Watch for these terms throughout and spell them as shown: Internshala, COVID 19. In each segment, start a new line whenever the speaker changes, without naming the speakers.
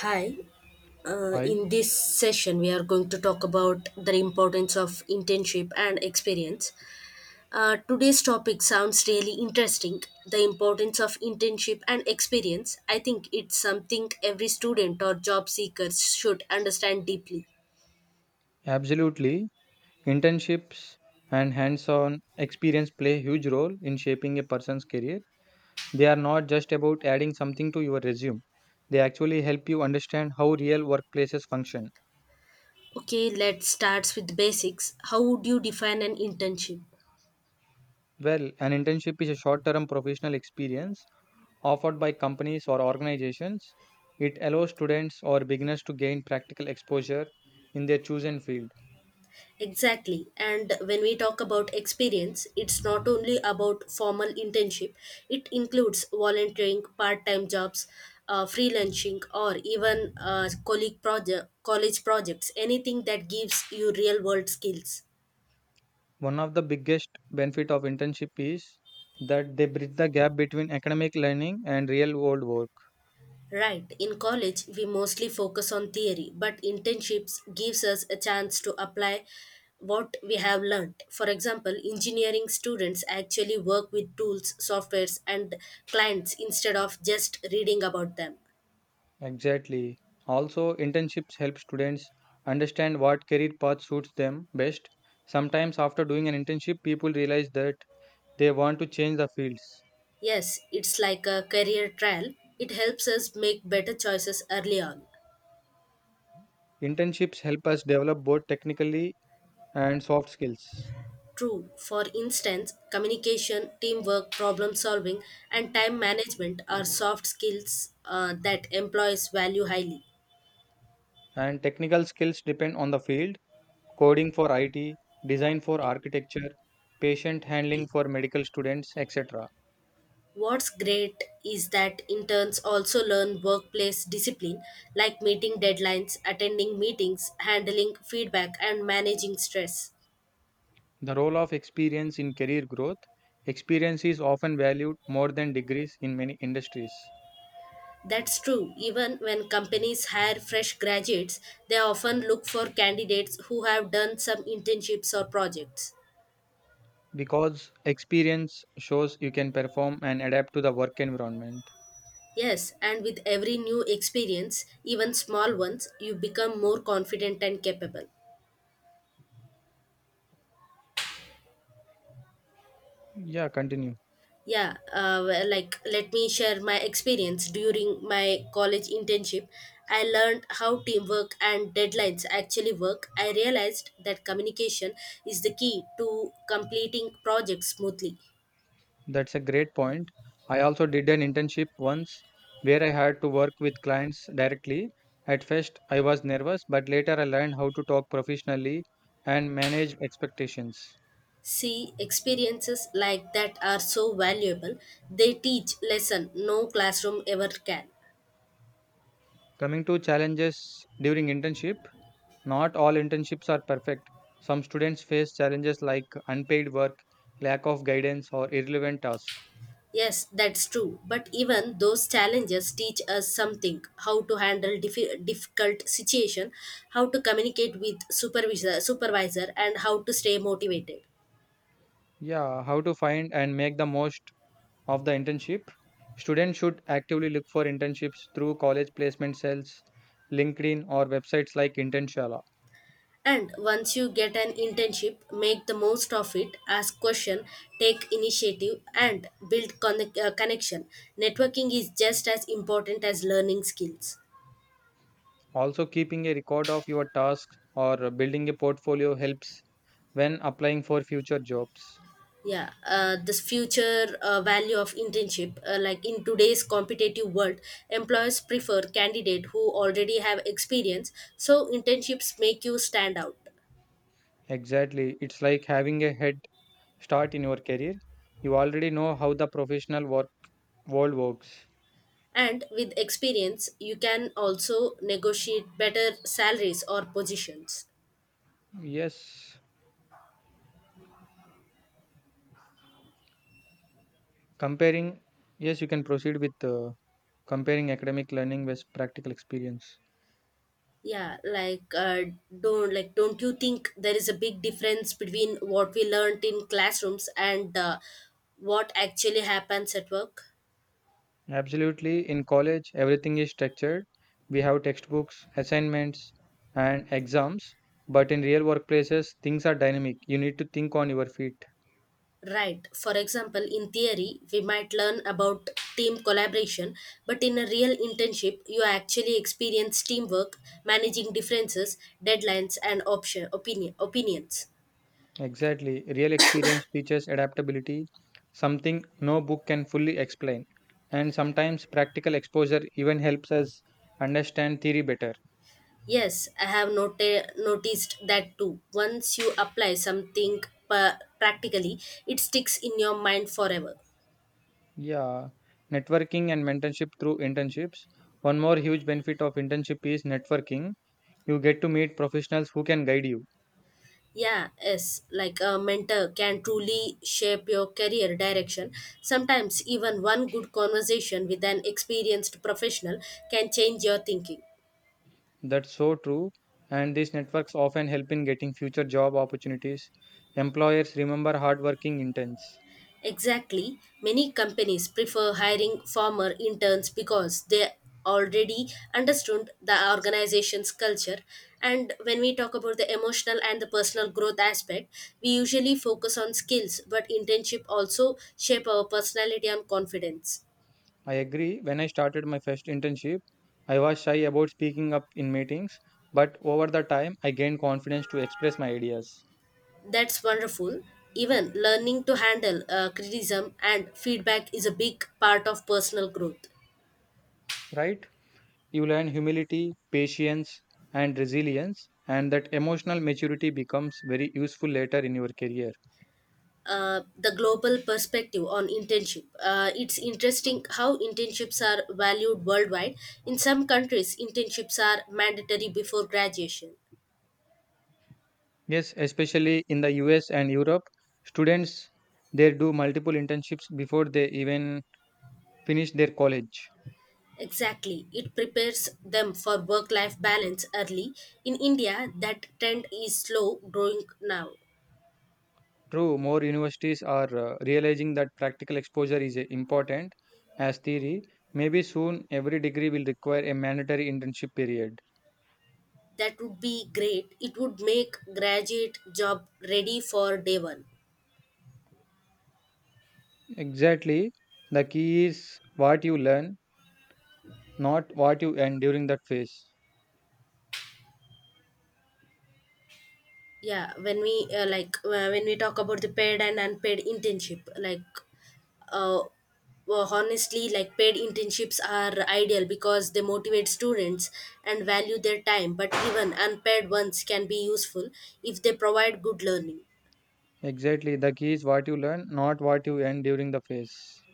Hi,
I
in this session, we are going to talk about the importance of internship and experience. Today's topic sounds really interesting. The importance of internship and experience. I think it's something every student or job seeker should understand deeply.
Absolutely. Internships and hands on experience play a huge role in shaping a person's career. They are not just about adding something to your resume, they actually help you understand how real workplaces function.
Okay, let's start with basics. How would you define an internship?
Well, an internship is a short term professional experience offered by companies or organizations. It allows students or beginners to gain practical exposure in their chosen field.
Exactly. And when we talk about experience, it's not only about formal internship, it includes volunteering, part time jobs, freelancing, or even college projects, anything that gives you real world skills.
One of the biggest benefit of internship is that they bridge the gap between academic learning and real world work.
Right. In college, we mostly focus on theory, but internships gives us a chance to apply what we have learned. For example, engineering students actually work with tools, softwares, and clients instead of just reading about them.
Exactly. Also, internships help students understand what career path suits them best. Sometimes, after doing an internship, people realize that they want to change the fields.
Yes, it's like a career trial. It helps us make better choices early on.
Internships help us develop both technically and soft skills.
True. For instance, communication, teamwork, problem solving, and time management are soft skills that employees value highly.
And technical skills depend on the field, coding for IT, design for architecture, patient handling for medical students, etc.
What's great is that interns also learn workplace discipline like meeting deadlines, attending meetings, handling feedback, and managing stress.
The role of experience in career growth. Experience is often valued more than degrees in many industries
That's true. Even when companies hire fresh graduates, they often look for candidates who have done some internships or projects.
because experience shows you can perform and adapt to the work environment.
Yes, and with every new experience, even small ones, you become more confident and capable.
Yeah, continue.
Well, let me share my experience during my college internship. I learned how teamwork and deadlines actually work. I realized that communication is the key to completing projects smoothly.
That's a great point. I also did an internship once where I had to work with clients directly. At first, I was nervous, but later I learned how to talk professionally and manage expectations.
See, experiences like that are so valuable. They teach lesson no classroom ever can.
Coming to challenges during internship, not all internships are perfect. Some students face challenges like unpaid work, lack of guidance, or irrelevant tasks.
Yes, that's true. But even those challenges teach us something: how to handle difficult situation, how to communicate with supervisor, and how to stay motivated.
Yeah, how to find and make the most of the internship? Students should actively look for internships through college placement cells, LinkedIn, or websites like Internshala.
And once you get an internship, make the most of it. Ask question, take initiative, and build connection. Networking is just as important as learning skills.
Also, keeping a record of your tasks or building a portfolio helps when applying for future jobs.
Yeah this future value of internship, like in today's competitive world, employers prefer candidate who already have experience, so internships make you stand out.
Exactly. It's like having a head start in your career. You already know how the professional world works.
And with experience you can also negotiate better salaries or positions.
Yes, comparing. Yes, you can proceed with comparing academic learning with practical experience.
yeah like uh, don't you think there is a big difference between what we learned in classrooms and what actually happens at work?
Absolutely, in college, everything is structured. We have textbooks, assignments, and exams. But in real workplaces, things are dynamic. You need to think on your feet.
Right. For example, in theory, we might learn about team collaboration, but in a real internship, you actually experience teamwork, managing differences, deadlines, and option opinion opinions.
Exactly. Real experience teaches adaptability, something no book can fully explain. And sometimes practical exposure even helps us understand theory better.
Yes, I have noticed that too. Once you apply something practically, it sticks in your mind forever.
Yeah, networking and mentorship through internships. One more huge benefit of internship is networking. You get to meet professionals who can guide you.
Yeah, yes, like a mentor can truly shape your career direction. Sometimes, even one good conversation with an experienced professional can change your thinking.
That's so true. And these networks often help in getting future job opportunities. Employers remember hardworking interns.
Exactly, many companies prefer hiring former interns because they already understood the organization's culture. And when we talk about the emotional and the personal growth aspect, we usually focus on skills, but internship also shape our personality and confidence.
I agree. When I started my first internship, I was shy about speaking up in meetings, but over the time, I gained confidence to express my ideas.
That's wonderful. Even learning to handle criticism and feedback is a big part of personal growth.
Right? You learn humility, patience, and resilience, and that emotional maturity becomes very useful later in your career.
The global perspective on internship. It's interesting how internships are valued worldwide. In some countries, internships are mandatory before graduation.
Yes, especially in the US and Europe, students they do multiple internships before they even finish their college.
Exactly. It prepares them for work life balance early. In India, that trend is slow growing now.
True, more universities are realizing that practical exposure is important as theory. Maybe soon every degree will require a mandatory internship period.
That would be great. It would make graduate job ready for day one.
Exactly, the key is what you learn, not what you earn during that phase.
When we talk about the paid and unpaid internship, uh, honestly, paid internships are ideal because they motivate students and value their time, but even unpaid ones can be useful if they provide good learning.
Exactly. The key is what you learn, not what you end during the phase.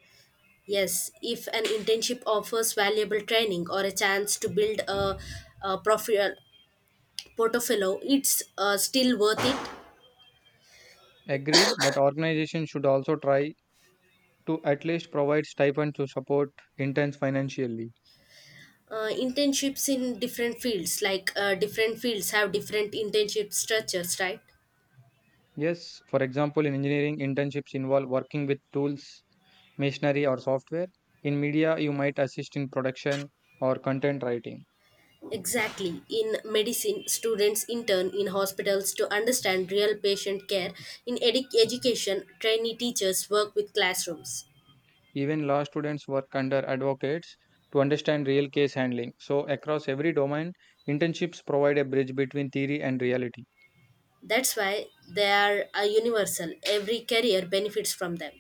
Yes, if an internship offers valuable training or a chance to build a portfolio, it's still worth it.
Agreed, but organizations should also try to at least provide stipend to support interns financially.
Internships in different fields, different fields have different internship structures, right?
Yes, for example, in engineering, internships involve working with tools, machinery, or software. In media, you might assist in production or content writing.
Exactly, in medicine students intern in hospitals to understand real patient care. In education, trainee teachers work with classrooms.
Even law students work under advocates to understand real case handling. So, across every domain, internships provide a bridge between theory and reality.
That's why they are universal. Every career benefits from them.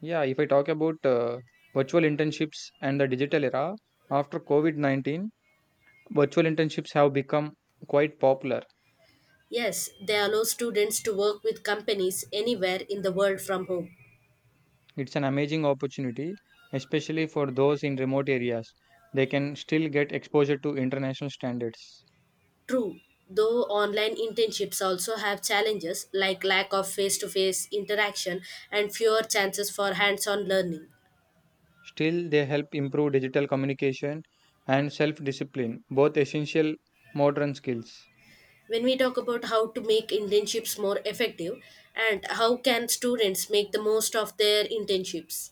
Yeah, if I talk about virtual internships and the digital era, after COVID 19, virtual internships have become quite popular.
Yes, they allow students to work with companies anywhere in the world from home.
It's an amazing opportunity, especially for those in remote areas. They can still get exposure to international standards.
True, though online internships also have challenges like lack of face to face interaction and fewer chances for hands on learning.
Still, they help improve digital communication and self discipline, both essential modern skills.
When we talk about how to make internships more effective and how can students make the most of their internships?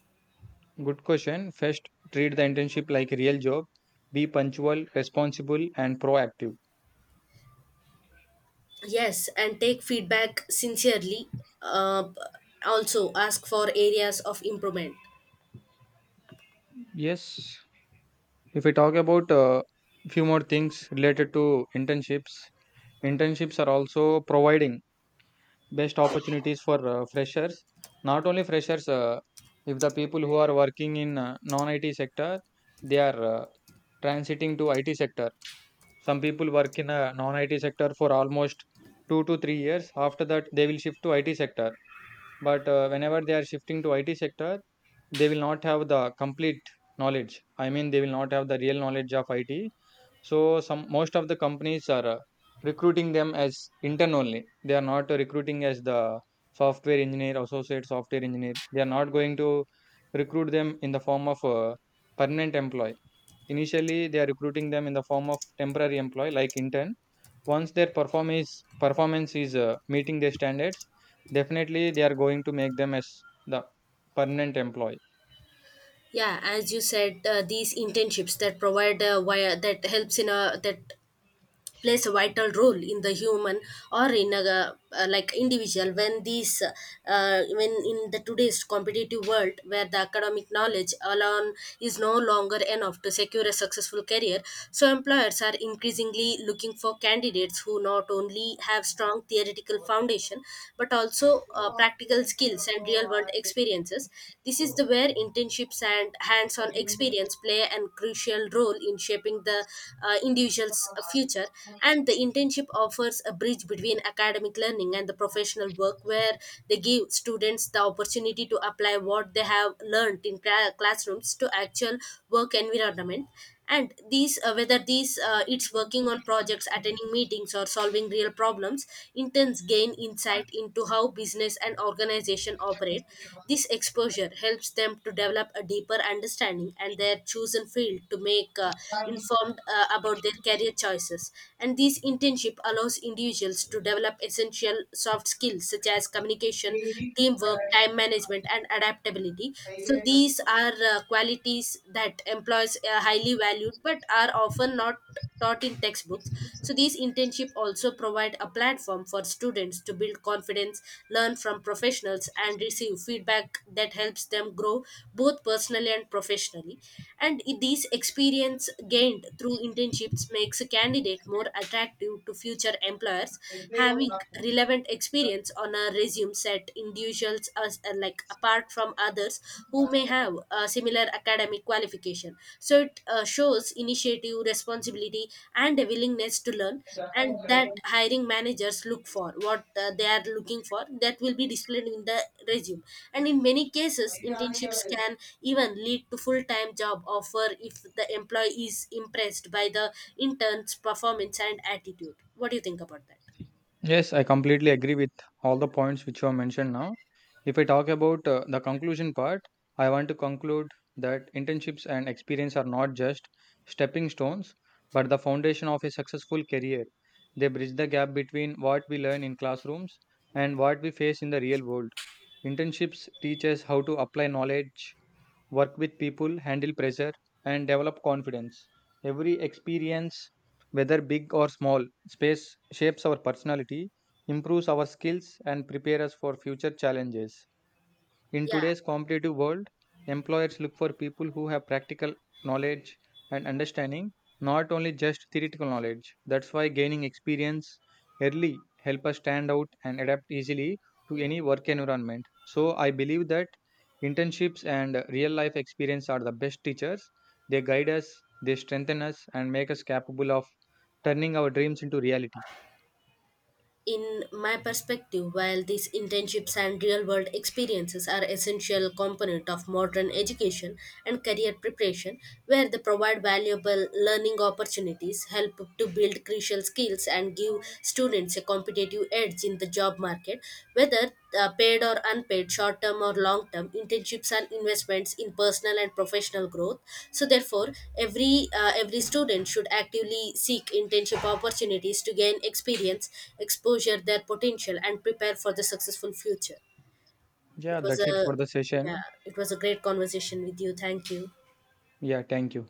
Good question. First, treat the internship like a real job. Be punctual, responsible, and proactive.
Yes, and take feedback sincerely. Uh, also, ask for areas of improvement.
Yes, if we talk about a few more things related to internships, internships are also providing best opportunities for freshers. Not only freshers, if the people who are working in non-IT sector, they are transiting to IT sector. Some people work in a non-IT sector for almost 2 to 3 years. After that, they will shift to IT sector. But whenever they are shifting to IT sector, they will not have the complete knowledge. I mean, they will not have the real knowledge of it. So some most of the companies are recruiting them as intern only. They are not recruiting as the software engineer, associate software engineer. They are not going to recruit them in the form of a permanent employee. Initially they are recruiting them in the form of temporary employee like intern. Once their performance is meeting their standards, definitely they are going to make them as the permanent employee.
Yeah, as you said, these internships that provide via that helps in a that plays a vital role in the human or in a individual, when these when in the today's competitive world where the academic knowledge alone is no longer enough to secure a successful career, so employers are increasingly looking for candidates who not only have strong theoretical foundation but also practical skills and real world experiences. This is the where internships and hands-on experience play a crucial role in shaping the individual's future. And the internship offers a bridge between academic learning and the professional work, where they give students the opportunity to apply what they have learned in classrooms to actual work environment. And these whether these it's working on projects, attending meetings, or solving real problems. Interns gain insight into how business and organization operate. This exposure helps them to develop a deeper understanding and their chosen field to make informed about their career choices. And this internship allows individuals to develop essential soft skills such as communication, teamwork, time management, and adaptability. So these are qualities that employees highly valued but are often not taught in textbooks. So these internship also provide a platform for students to build confidence, learn from professionals and receive feedback that helps them grow both personally and professionally. And these experience gained through internships makes a candidate more attractive to future employers. Having relevant experience on a resume set individuals as apart from others who may have a similar academic qualification. So it shows initiative, responsibility, and a willingness to learn, and that hiring managers look for what they are looking for that will be displayed in the resume. And in many cases, internships can even lead to full time job offer if the employee is impressed by the intern's performance and attitude. What do you think about that?
Yes, I completely agree with all the points which you have mentioned now. If I talk about the conclusion part, I want to conclude that internships and experience are not just stepping stones, but the foundation of a successful career. They bridge the gap between what we learn in classrooms and what we face in the real world. Internships teach us how to apply knowledge, work with people, handle pressure, and develop confidence. Every experience, whether big or small, space shapes our personality, improves our skills, and prepares us for future challenges. In
Yeah.
today's competitive world, employers look for people who have practical knowledge and understanding, not only just theoretical knowledge. That's why gaining experience early help us stand out and adapt easily to any work environment. So I believe that internships and real life experience are the best teachers. They guide us, they strengthen us and make us capable of turning our dreams into reality.
In my perspective, while these internships and real world experiences are essential component of modern education and career preparation, where they provide valuable learning opportunities, help to build crucial skills, and give students a competitive edge in the job market, whether paid or unpaid, short term or long term, internships and investments in personal and professional growth. So therefore, every student should actively seek internship opportunities to gain experience, exposure their potential, and prepare for the successful future.
Yeah,
It was
that's it
a
for the
yeah,
session.
it was a great conversation with you. Thank you.
Yeah, thank you.